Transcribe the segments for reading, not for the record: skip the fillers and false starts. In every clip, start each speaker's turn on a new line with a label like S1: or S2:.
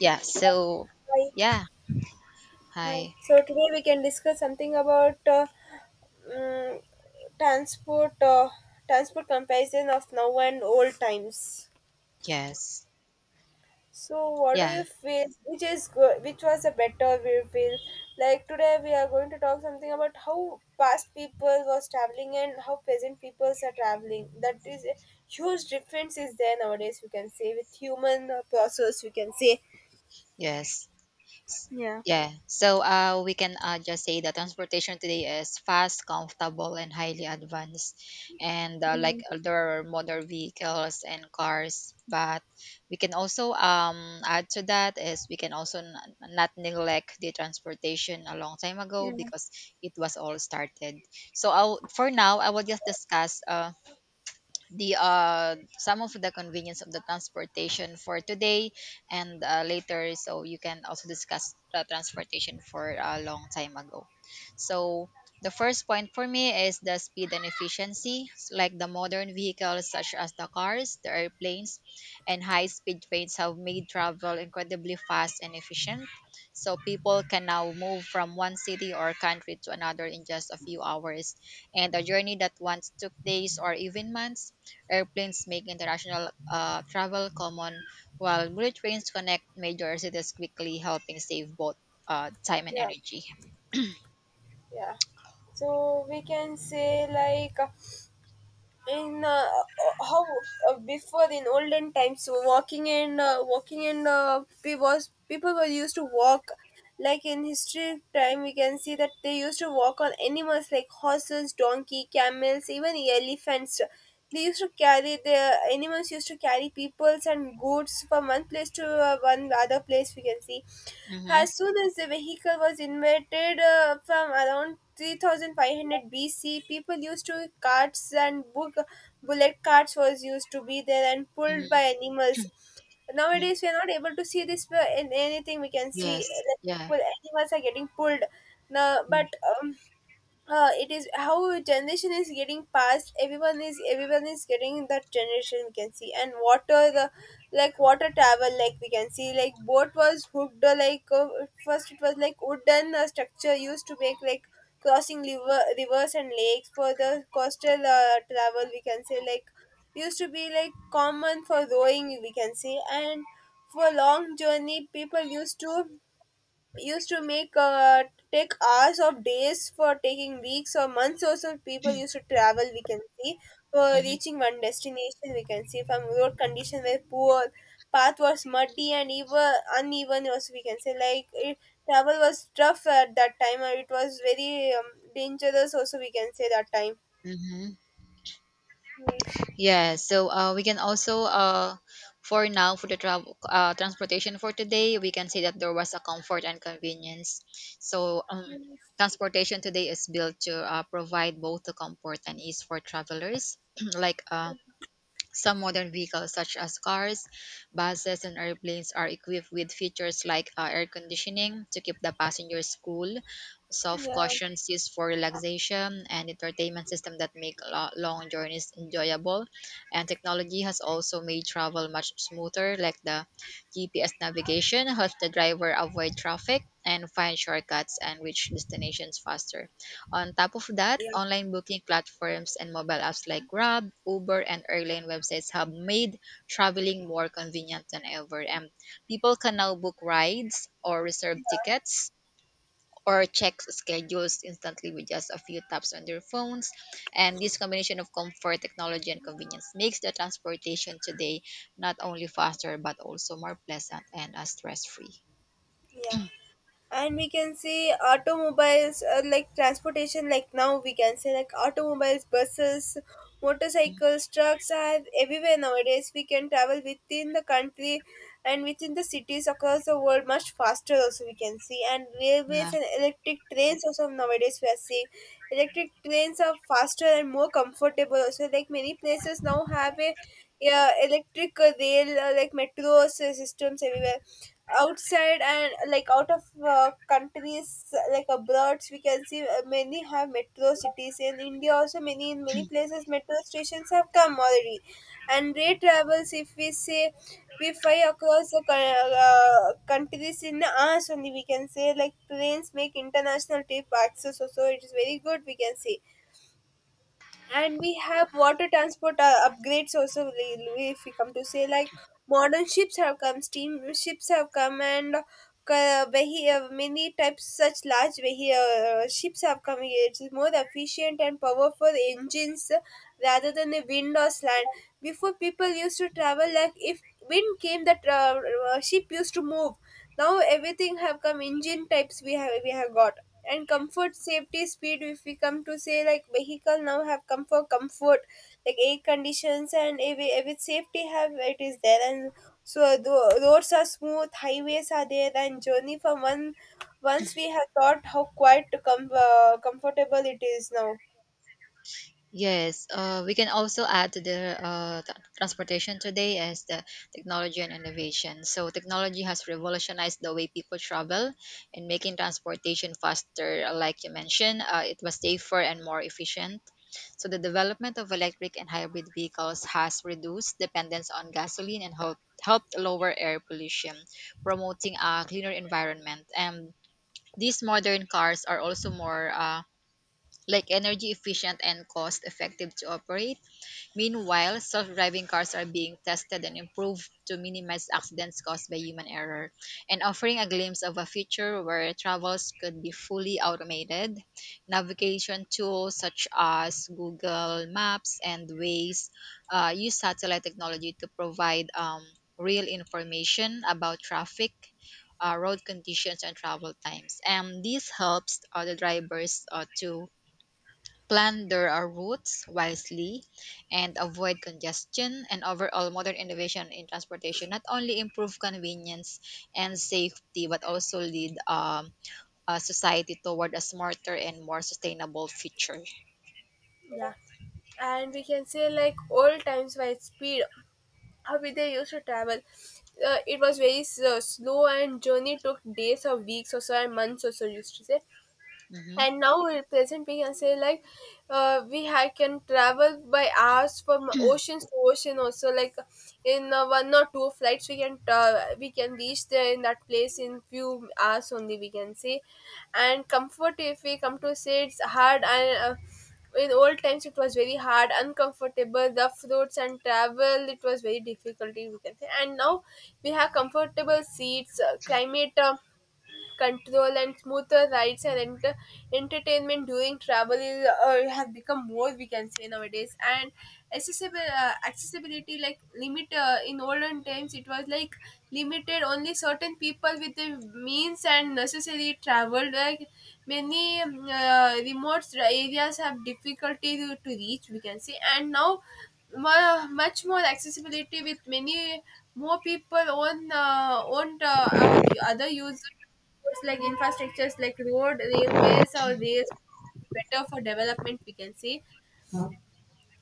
S1: Yeah, so
S2: Hi,
S1: yeah,
S2: hi.
S1: hi.
S2: So today we can discuss something about mm, transport, transport comparison of now and old times.
S1: Yes.
S2: So what do
S1: Yeah,
S2: you feel? Which is good? Which was a better? We feel like today we are going to talk something about how past people was traveling and how present peoples are traveling. That is a huge difference is there nowadays. We can say with human process. We can say
S1: yes.
S2: yeah,
S1: Yeah. So we can just say that transportation today is fast, comfortable and highly advanced and there are motor vehicles and cars, but we can also add to that is we can also not neglect the transportation a long time ago because it was all started. So for now I will just discuss the some of the convenience of the transportation for today and later so you can also discuss the transportation for a long time ago. So the first point for me is the speed and efficiency, like the modern vehicles such as the cars, the airplanes and high speed trains have made travel incredibly fast and efficient. So people can now move from one city or country to another in just a few hours, and a journey that once took days or even months. Airplanes make international travel common, while bullet trains connect major cities quickly, helping save both time and
S2: yeah,
S1: energy.
S2: yeah. So we can say like. In How before in olden times walking in walking in pe- was people were used to walk, like in history time we can see that they used to walk on animals like horses, donkey, camels, even elephants. They used to carry, the animals used to carry peoples and goods from one place to one other place, we can see.
S1: Mm-hmm.
S2: As soon as the vehicle was invented, from around 3500 BC, people used to carts and book, bullet carts was used to be there and pulled
S1: Mm-hmm.
S2: by animals. Nowadays we are not able to see this in anything, we can see.
S1: Yes.
S2: Like,
S1: Yeah.
S2: pull, animals are getting pulled. Now, but it is how generation is getting passed, everyone is getting that generation, we can see. And water the, like water travel, like we can see, like boat was hooked, first it was like wooden structure used to make, like crossing river, rivers and lakes, for the coastal travel we can say, like used to be like common for rowing we can say, and for long journey people used to make, take hours of days, for taking weeks or months or some people used to travel we can see, for
S1: Mm-hmm.
S2: reaching one destination we can see. From road condition were poor, path was muddy and even uneven also we can say, like it, travel was tough at that time and it was very dangerous also we can say, that time.
S1: Mm-hmm.
S2: Yes,
S1: Yeah. So we can also for now for the travel transportation for today, we can say that there was a comfort and convenience. So um,
S2: yes,
S1: Transportation today is built to provide both the comfort and ease for travelers, like some modern vehicles, such as cars, buses, and airplanes, are equipped with features like air conditioning to keep the passengers cool, soft
S2: yeah,
S1: cushions used for relaxation, and entertainment system that make long journeys enjoyable. And technology has also made travel much smoother, like the GPS navigation helps the driver avoid traffic and find shortcuts and reach destinations faster. On top of that,
S2: yeah,
S1: online booking platforms and mobile apps like Grab, Uber, and airline websites have made traveling more convenient than ever. And people can now book rides or reserve tickets or check schedules instantly with just a few taps on their phones. And this combination of comfort, technology, and convenience makes the transportation today not only faster but also more pleasant and stress free.
S2: yeah. And we can see automobiles, like transportation, like now we can say, like automobiles, buses, motorcycles, trucks are everywhere nowadays. We can travel within the country and within the cities across the world much faster also we can see. And railways and electric trains also nowadays we are seeing, electric trains are faster and more comfortable also. Like many places now have a, yeah, electric rail, like metro systems everywhere outside, and like out of countries like abroads we can see. Many have metro cities in india also, many in many places metro stations have come already. And rail travels if we say, we fly across the countries in us only we can say, like trains make international trip access also, it is very good we can say. And we have water transport upgrades also, if we come to say, like modern ships have come, steam ships have come, and many types such large ships have come here, it is more efficient and powerful engines rather than the wind or slant. Before people used to travel, like if wind came that, ship used to move, now everything have come, engine types we have got. And comfort, safety, speed. If we come to say, like vehicle now have come for comfort, like air conditions and every safety have, it is there. And so the roads are smooth, highways are there, and journey from one once we have thought, how quite comfortable it is now.
S1: Yes, we can also add to the transportation today as the technology and innovation. So technology has revolutionized the way people travel and making transportation faster, like you mentioned, it was safer and more efficient. So the development of electric and hybrid vehicles has reduced dependence on gasoline and helped lower air pollution, promoting a cleaner environment. And these modern cars are also more like energy efficient and cost effective to operate. Meanwhile, self driving cars are being tested and improved to minimize accidents caused by human error and offering a glimpse of a future where travels could be fully automated. Navigation tools such as Google Maps and Waze use satellite technology to provide real information about traffic. Road conditions and travel times, and this helps the drivers to plan their routes wisely and avoid congestion. And overall modern innovation in transportation not only improve convenience and safety but also lead society toward a smarter and more sustainable future.
S2: Yeah. And we can say like old times by speed, how we they used to travel, it was very slow and journey took days or weeks or so and months or so used to say.
S1: Mhm.
S2: And now at present we can say, like can travel by hours from oceans to ocean also, like in one or two flights we can, we can reach there in that place in few hours only we can say. And comfort if we come to say, it's hard and in old times it was very hard, uncomfortable, rough roads and travel, it was very difficult we can say. And now we have comfortable seats, climate control and smoother rides, and entertainment during travel is, has become more we can say nowadays. And accessible, accessibility, like limit, in olden times it was like limited only certain people with the means and necessary traveled, like many remote areas have difficulty to reach we can say. And now much more accessibility with many more people own the other users, like infrastructures like road, railways or rails, better for development we can say.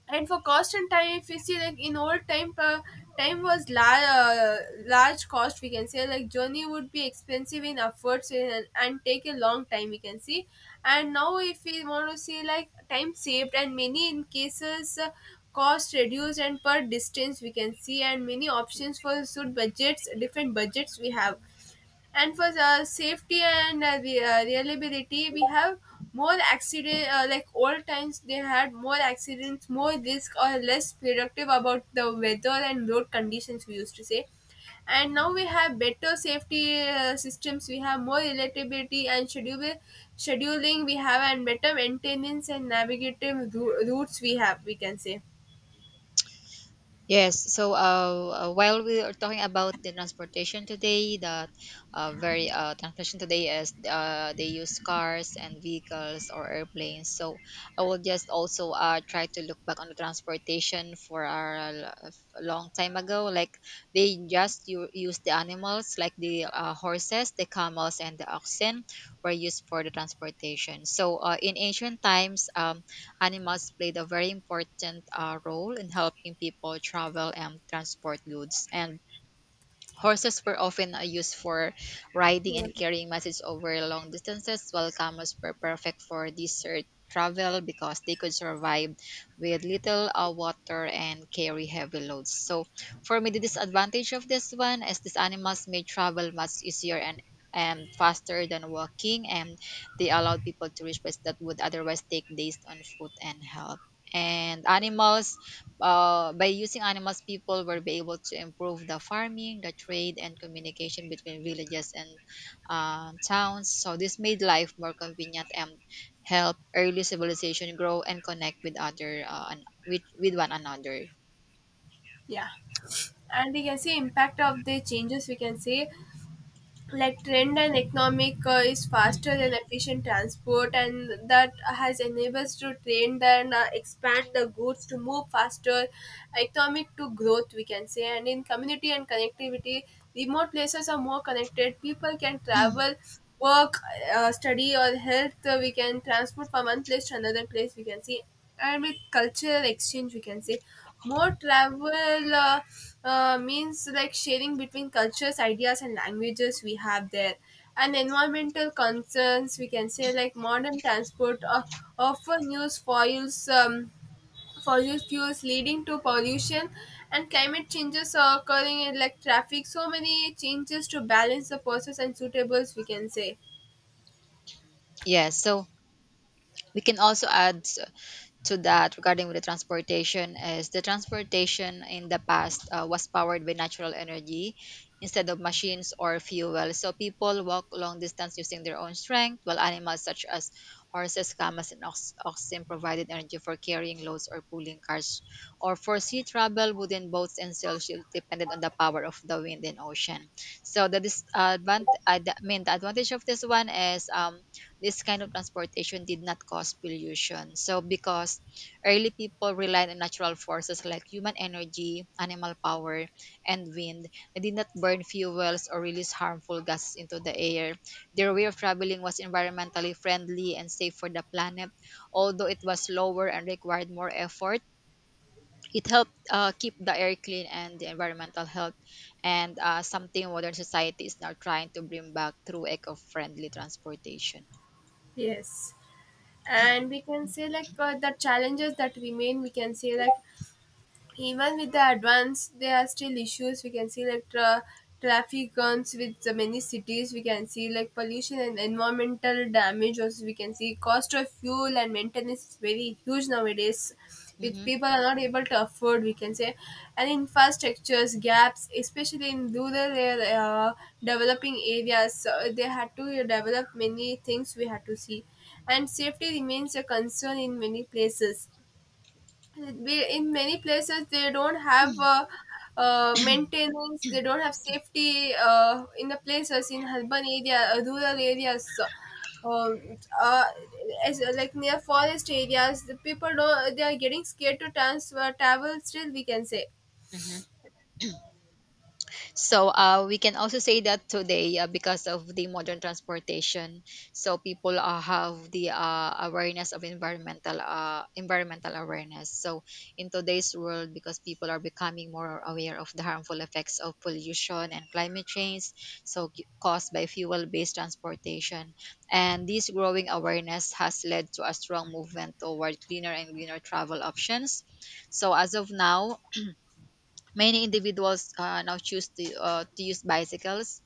S2: And for cost and time, if you see like in old time, time was large, large cost we can say, like journey would be expensive in efforts, and take a long time we can see. And now if we want to see, like time saved and many in cases, cost reduced and per distance we can see, and many options for suit budgets, different budgets we have. And for the safety and the reliability we have more accident, like old times they had more accidents, more risk, or less productive about the weather and road conditions we used to say. And now we have better safety systems, we have more relatability and schedule scheduling we have, and better maintenance and navigative routes we have we can say.
S1: Yes, so while we are talking about the transportation today, that very transportation today is they use cars and vehicles or airplanes. So I will just also try to look back on the transportation for our a long time ago. Like they just use the animals, like the horses, the camels, and the oxen were used for the transportation. So in ancient times, animals played a very important role in helping people travel and transport goods, and horses were often used for riding
S2: Yeah,
S1: and carrying messages over long distances, while camels were perfect for desert travel because they could survive with little water and carry heavy loads. So, for me, the disadvantage of this one is these animals made travel much easier and faster than walking, and they allowed people to reach places that would otherwise take days on foot and help. And animals by using animals, people will be able to improve the farming, the trade, and communication between villages and towns. So this made life more convenient and helped early civilization grow and connect with other with one another.
S2: yeah. And we can see impact of the changes we can say, like trend and economic is faster than efficient transport, and that has enables to trend and expand the goods to move faster, economic to growth we can say. And in community and connectivity, remote places are more connected, people can travel, work, study or health, we can transport from one place to another place we can see. And with cultural exchange we can say, more travel, means like sharing between cultures, ideas, and languages we have there. And environmental concerns, we can say like modern transport, often use foils, fossil fuels, leading to pollution, and climate changes are occurring in like traffic. So many changes to balance the process and suitables, we can say.
S1: Yes, so we can also add to that regarding with the transportation is the transportation in the past was powered by natural energy instead of machines or fuel. So people walk long distance using their own strength, while animals such as horses, camels and oxen provided energy for carrying loads or pulling cars, or for sea travel wooden boats and sail depended on the power of the wind and ocean. So the disadvantage mean the advantage of this one is this kind of transportation did not cause pollution. So, because early people relied on natural forces like human energy, animal power, and wind, they did not burn fuels or release harmful gases into the air. Their way of traveling was environmentally friendly and safe for the planet, although it was slower and required more effort. It helped keep the air clean and the environmental health, and something modern society is now trying to bring back through eco friendly transportation.
S2: Yes. And we can say like, the challenges that remain, we can say, like even with the advance, there are still issues. We can see like traffic guns with the many cities. We can see like pollution and environmental damage. Also, we can see cost of fuel and maintenance is very huge nowadays, which
S1: Mhm.
S2: people are not able to afford. We can say, and infrastructures gaps, especially in rural area, developing areas, so they had to develop many things. We had to see, and safety remains a concern in many places, we, in many places they don't have maintenance, they don't have safety in the places in urban area, rural areas. So, um, uh, as, like near forest areas the people don't, they are getting scared to transfer travel still we can say.
S1: Mhm. So we can also say that today, because of the modern transportation, so people have the awareness of environmental environmental awareness. So in today's world, because people are becoming more aware of the harmful effects of pollution and climate change, so caused by fuel-based transportation, and this growing awareness has led to a strong movement toward cleaner and greener travel options. So as of now, many individuals now choose to use bicycles,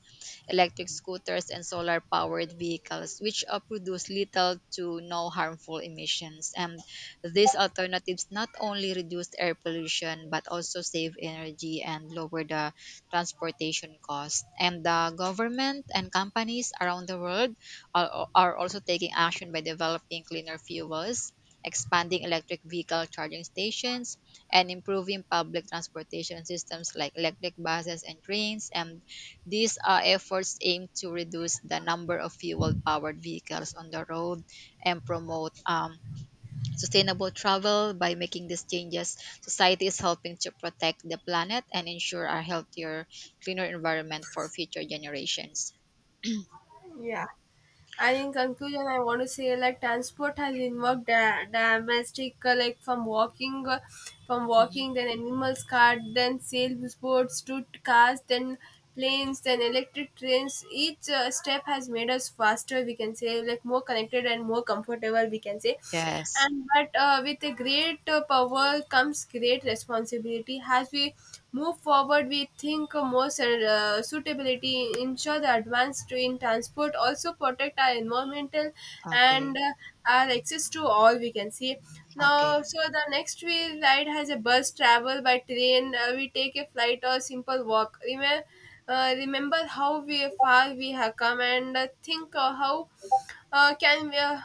S1: electric scooters, and solar powered vehicles, which produce little to no harmful emissions. And these alternatives not only reduce air pollution but also save energy and lower the transportation cost. And the government and companies around the world are also taking action by developing cleaner fuels. Expanding electric vehicle charging stations and improving public transportation systems like electric buses and trains. And these efforts aim to reduce the number of fuel powered vehicles on the road and promote sustainable travel. By making these changes, society is helping to protect the planet and ensure a healthier, cleaner environment for future generations.
S2: Yeah. And in conclusion, I want to say like transport has involved domestic, like from walking,
S1: Mhm.
S2: then animals cart, then sailboats to cars, then planes, then electric trains. Each step has made us faster. We can say, like more connected and more comfortable. We can say,
S1: Yes.
S2: and but with a great power comes great responsibility. As we move forward, we think more suitability, ensure the advanced in transport, also protect our environmental and
S1: Okay.
S2: our access to all we can see. Now,
S1: Okay.
S2: so the next we ride has a bus, travel by train. We take a flight or simple walk. Remember, remember how we far we have come, and think, how can we.